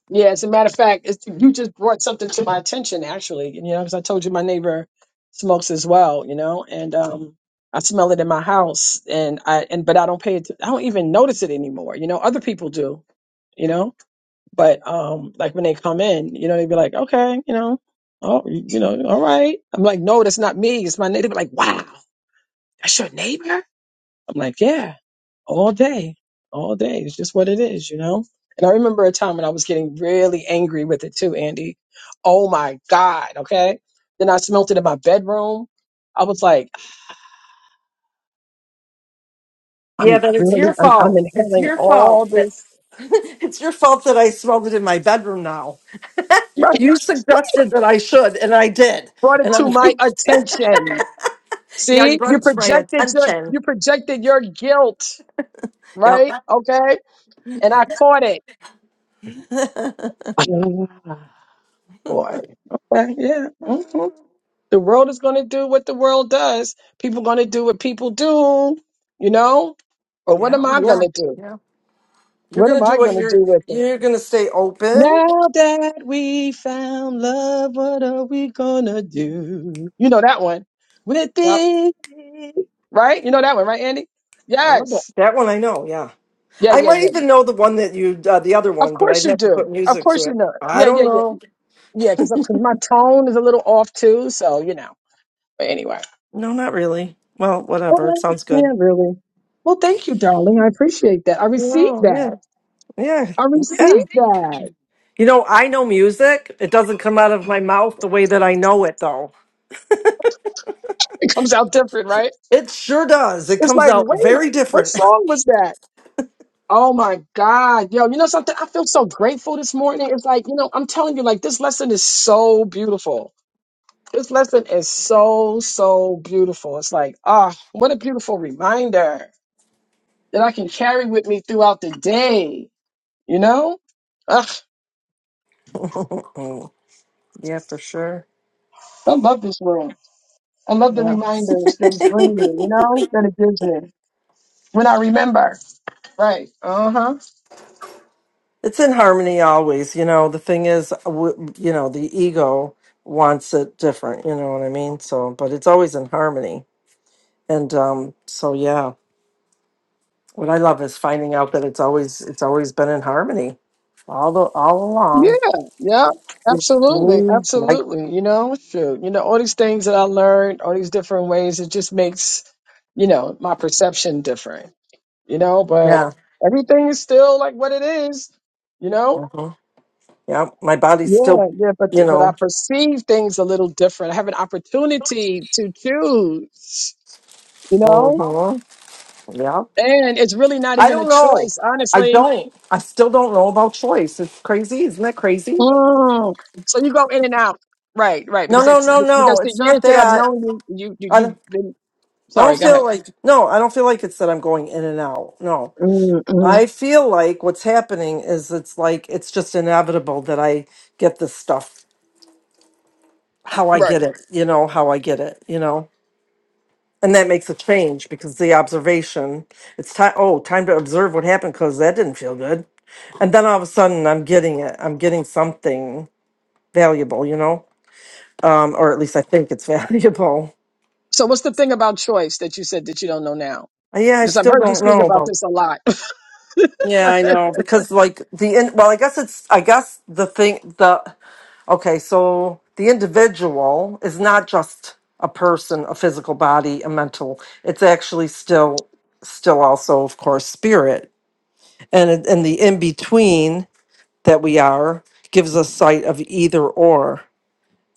Yeah, as a matter of fact, it's, you just brought something to my attention, actually. You know, because I told you my neighbor smokes as well. You know, and um, I smell it in my house, and I and but I don't pay it. I don't even notice it anymore. You know, other people do. You know, but um, like when they come in, you know, they be like, okay, you know, oh, you know, all right. I'm like, no, that's not me. It's my neighbor. Like, wow, that's your neighbor. I'm like, yeah, all day, all day. It's just what it is, you know? And I remember a time when I was getting really angry with it too, Andy. Oh my God. Okay. Then I smelt it in my bedroom. I was like,
Yeah,
I'm
but it's
really,
your
I'm, I'm
fault. It's
inhaling
your
all
fault that
this.
[laughs] it's your fault that I smelled it in my bedroom now.
Right.
You suggested that I should, and I did.
Brought it
And I'm
to my
like, [laughs]
attention.
yeah, you
See,
brought
you
it to my
projected your,
attention.
you projected your guilt,
Yep.
right?
[laughs]
Okay. And I caught it.
yeah.
[laughs] Boy. Okay. Yeah. mm-hmm. The world is going to do what the world does. People going to do what people do, you know? Or what am I going
Yeah.
to do?
Yeah. You're
What
gonna
am
do
I
what
going to
you're
do with it?
you're gonna stay open.
Now that we found love, what are we going to do? You know that one. With
Yep.
it. Right? You know that one, right, Andy?
I know that.
Yes.
That one I know, yeah.
Yeah,
I
yeah,
might
yeah, yeah.
even know the one that you uh, the other
Of
one, but
course
I'd
you
have to
do.
put
Of
music to
course you
it.
know. it.
I
Yeah, yeah,
don't
yeah.
know.
Yeah, because my tone is a little off too. So, you know. But anyway.
No, not really. Well,
[laughs]
whatever. It
Okay.
sounds good.
Yeah, really. Well, thank you, darling. I appreciate that. I received
No,
that.
yeah. Yeah.
I
Yeah.
received that. [laughs]
You know, I know music. It doesn't come out of my mouth the way that I know it though.
It comes out different, right?
It sure does. It
It's
comes
like,
out
wait,
very
what
different. [laughs]
song was that? Oh my God. Yo, you know something? I feel so grateful this morning. It's like, you know, I'm telling you, like, this lesson is so beautiful. This lesson is so, so beautiful. It's like, ah, what a beautiful reminder that I can carry with me throughout the day, you know? Ugh,
yeah, for sure.
I love this room. I love the
Yeah.
reminders
[laughs]
that
it's
it brings me, you know, that it gives me when I remember. Right. Uh huh.
in harmony always. You know, the thing is, w- you know, the ego wants it different. You know what I mean? So, but it's always in harmony. And um, so, yeah, what I love is finding out that it's always it's always been in harmony all the all along.
Yeah. Yeah.
It's
Absolutely.
me, like
Absolutely. You know, shoot. You know, all these things that I learned, all these different ways, it just makes, you know, my perception different, you know, but
yeah,
everything is still like what it is, you know?
hmm yeah. My body's
Yeah.
still,
Yeah.
you
But, but I
know,
perceive things a little different. I have an opportunity to choose, you know?
hmm yeah.
And it's really not
I
even a
don't know.
choice,
I
honestly
don't. I still don't know about choice. It's crazy. Isn't that crazy?
Mm. So you go in and out. Right, right.
No,
Because
no,
it's,
no,
because
no.
the
It's
years
not
that I've
that.
known you, you, you
I
you've
don't,
been.
I
Sorry,
don't
go ahead.
feel like, no, I don't feel like it's that I'm going in and out. No.
Mm-hmm.
I feel like what's happening is it's like, it's just inevitable that I get this stuff, how I
Right.
get it, you know, how I get it, you know? And that makes a change because the observation, it's time, oh, time to observe what happened because that didn't feel good. And then all of a sudden I'm getting it. I'm getting something valuable, you know? um, or at least I think it's [laughs] valuable.
So what's the thing about choice that you said that you don't know now?
Uh, Yeah, I
Because I've
still
heard you
don't
speak
know
about
about.
this a lot. [laughs]
Yeah, I know because like the in, well, I guess it's I guess the thing the okay, so the individual is not just a person, a physical body, a mental. It's actually still still also of course spirit, and it- and the in between that we are gives us sight of either or.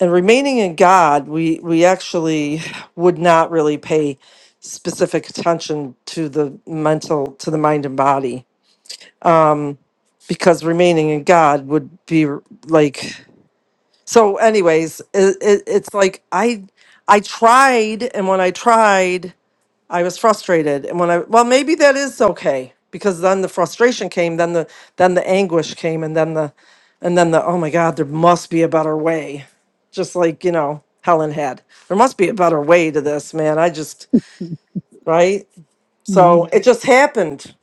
and remaining in God, we we actually would not really pay specific attention to the mental to the mind and body because remaining in God would be like so anyways it, it, it's like I I tried and when I tried I was frustrated. And when I, well, maybe that is okay because then the frustration came, then the, then the anguish came, and then the, and then the, oh my God, there must be a better way. Just like, you know, Helen had. There must be a better way to this, man. I just, right? So
Mm.
it just happened.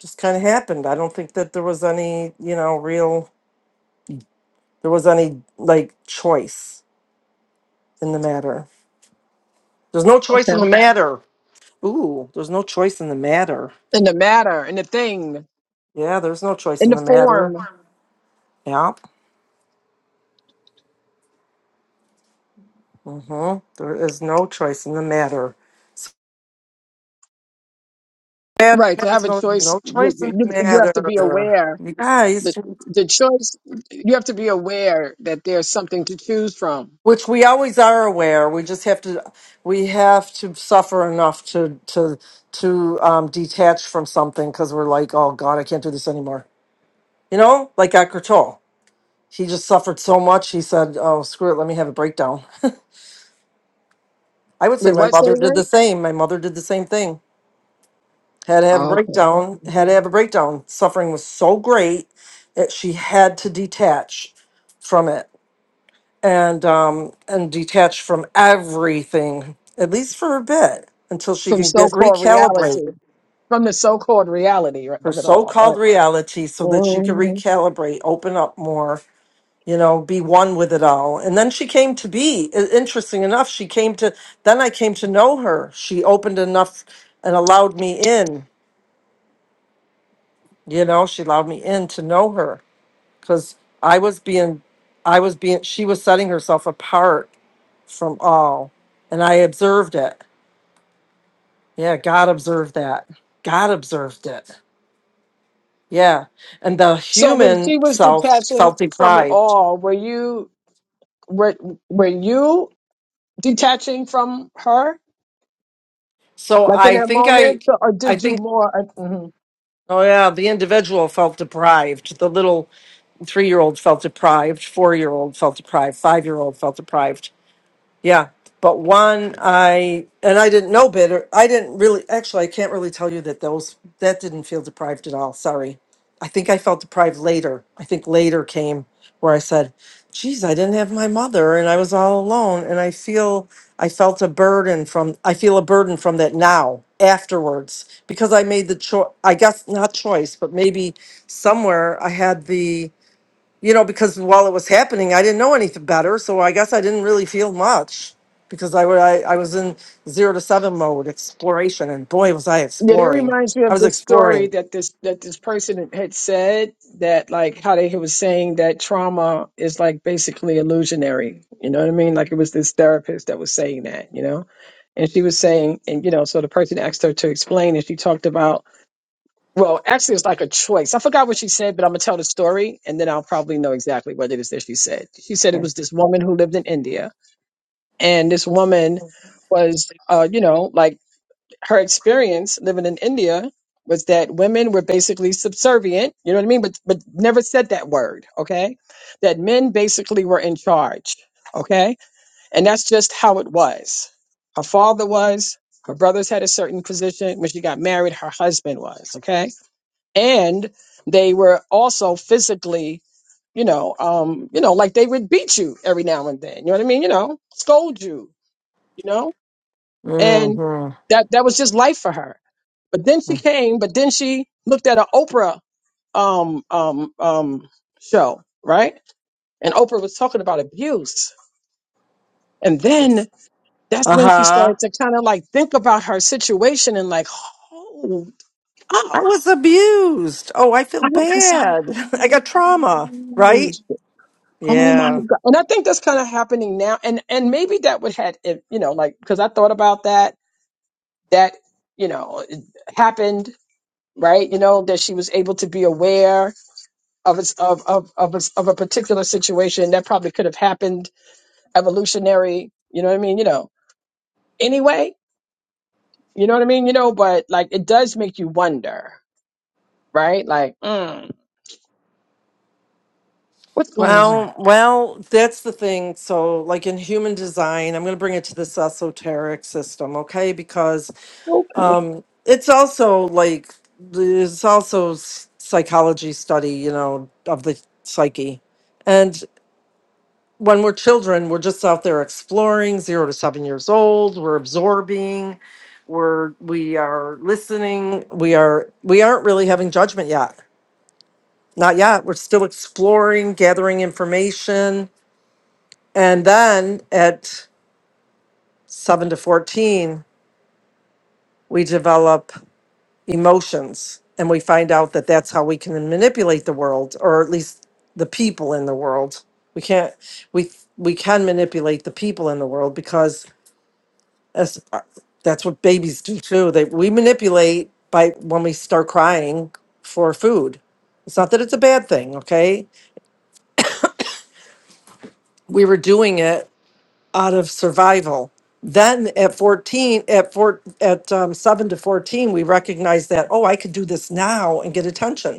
Just kind of happened. I don't think that there was any, you know, real, there was any like choice in the matter. There's no choice in
Okay.
the matter. Ooh, there's no choice in the matter.
In the matter, in the thing,
Yeah, there's no choice
in the
in the matter.
form.
Yeah. Mm-hmm. There is no choice in the matter. So matter
Right. To have
has
a
no,
choice,
no
you,
choice in the
you, you have to be
matter.
aware.
You guys,
The, the choice, you have to be aware that there's something to choose from.
which we always are aware. We just have to, we have to suffer enough to to to um, detach from something because we're like, oh God, I can't do this anymore. You know, like Eckhart Tolle. He just suffered so much. He said, oh screw it, let me have a breakdown. I would say
With
my
what? Say
mother
it
did
again?
the same. My mother did the same thing. had to have a
Oh, okay.
breakdown, had to have a breakdown. Suffering was so great that she had to detach from it and um and detach from everything at least for a bit until she
From
can
so
get
called
recalibrate
reality. from the so-called reality
her
of it all.
so-called
right?
reality so that she can
Mhm.
recalibrate, open up more, you know, be one with it all. And then she came to be i- interesting enough, she came to then I came to know her. She opened enough and allowed me in, you know, she allowed me in to know her because I was being, I was being, she was setting herself apart from all, and I observed it. Yeah, God observed that. God observed it. Yeah, and the
So when
human
she was
self
detaching
felt
from it
deprived.
all, were you were were you detaching from her,
So
like in
I
that
think I,
moment, So- or
I
did you
think,
more? uh, mhm.
oh yeah, the individual felt deprived. The little three-year-old felt deprived. Four-year-old felt deprived. Five-year-old felt deprived Yeah, but one I and I didn't know better. I didn't really actually I can't really tell you that those that didn't feel deprived at all. Sorry. I think I felt deprived later. I think later came where I said, "Geez, I didn't have my mother and I was all alone and I feel I felt a burden from I feel a burden from that now afterwards because I made the choice I guess not choice, but maybe somewhere I had the you know, because while it was happening, I didn't know anything better. So I guess I didn't really feel much because I, wa- I, I was in zero to seven mode exploration. And boy, was I
Yeah, that
exploring.
reminds me
I
of
was
this story
exploring.
that this that this person had said that like how they was saying that trauma is like basically illusionary. You know what I mean? Like it was this therapist that was saying that. You know, and she was saying, and you know, so the person asked her to explain, and she talked about Well, actually, it's like a choice. I forgot what she said, but I'm gonna tell the story, and then I'll probably know exactly what it is that she said. She said it was this woman who lived in India, and this woman was, uh, you know, like her experience living in India was that women were basically subservient. You know what I mean? But but never said that word. Okay, that men basically were in charge. Okay, and that's just how it was. Her father was. Her brothers had a certain position. When she got married, her husband was. Okay and they were also physically you know, um, you know, like they would beat you every now and then. You know what I mean? You know, scold you, you know, and
Mm-hmm.
that that was just life for her. But then she came, but then she looked at an Oprah um um um show, right? And Oprah was talking about abuse. And then that's
Uh
when she
huh.
started to kind of like think about her situation and like, hold
I
up.
was abused. Oh, I feel
I have a side.
bad. [laughs] I got trauma, right?
Oh my
Yeah.
God. And I think that's kind of happening now. And and maybe that would had if, you know, like because I thought about that, that, you know, it happened, right? You know, that she was able to be aware of its of of of a, of a particular situation that probably could have happened evolutionary, you know what I mean? You know, anyway, you know what I mean? You know, but like it does make you wonder, right? Like, mm, what's going on?
Well, well, that's the thing. So, like in human design, I'm going to bring it to this esoteric system, okay? Because.
Okay.
Um, it's also like there's also s- psychology study, you know, of the psyche. And when we're children, we're just out there exploring, zero to seven years old. We're absorbing. We're we are listening. We are we aren't really having judgment yet. Not yet. We're still exploring, gathering information, and then at seven to fourteen, we develop emotions and we find out that that's how we can manipulate the world or at least the people in the world we can't we we can manipulate the people in the world because that's that's what babies do too they we manipulate by when we start crying for food it's not that it's a bad thing okay we were doing it out of survival then at 14 at four at um, 7 to 14 we recognized that oh i could do this now and get attention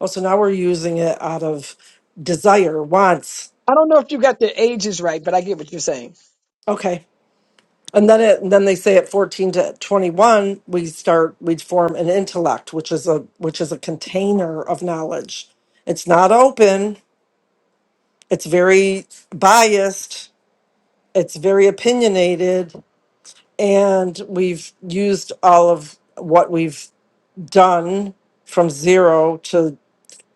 Oh, so now we're using it out of desire, wants.
I don't know if you got the ages right, but I get what you're saying.
Okay. And then it, and then they say at 14 to 21, we start, we form an intellect, which is a, which is a container of knowledge. It's not open. It's very biased. It's very opinionated. And we've used all of what we've done from zero to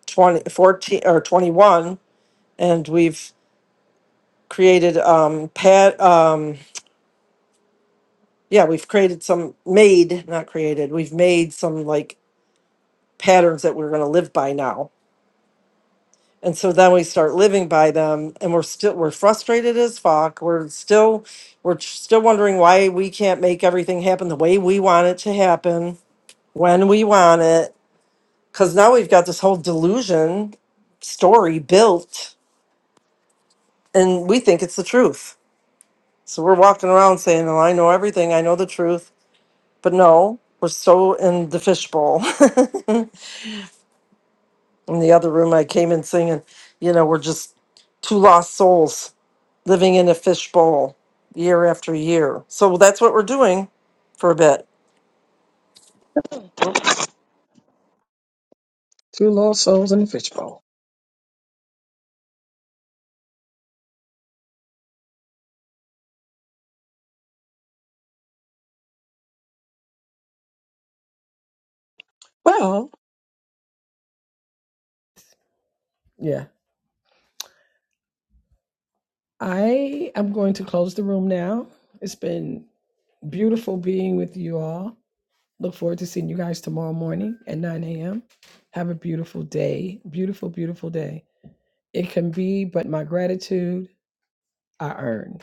20 14 or 21. And we've created, um, pad, yeah, we've created some made, not created, we've made some like patterns that we're going to live by now. And so then we start living by them and we're still we're frustrated as fuck. We're still we're still wondering why we can't make everything happen the way we want it to happen when we want it cuz now we've got this whole delusion story built and we think it's the truth. So we're walking around saying, "Oh, I know everything. I know the truth." But no, we're so in the fishbowl. [laughs] in the other room I came in singing, you know, we're just two lost souls living in a fishbowl year after year. So that's what we're doing for a bit.
Two lost souls in the fishbowl. Well, Yeah. I am going to close the room now. It's been beautiful being with you all. Look forward to seeing you guys tomorrow morning at 9 a.m. Have a beautiful day. Beautiful, beautiful day. It can be, but my gratitude I earned.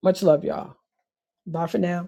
Much love, y'all. Bye for now.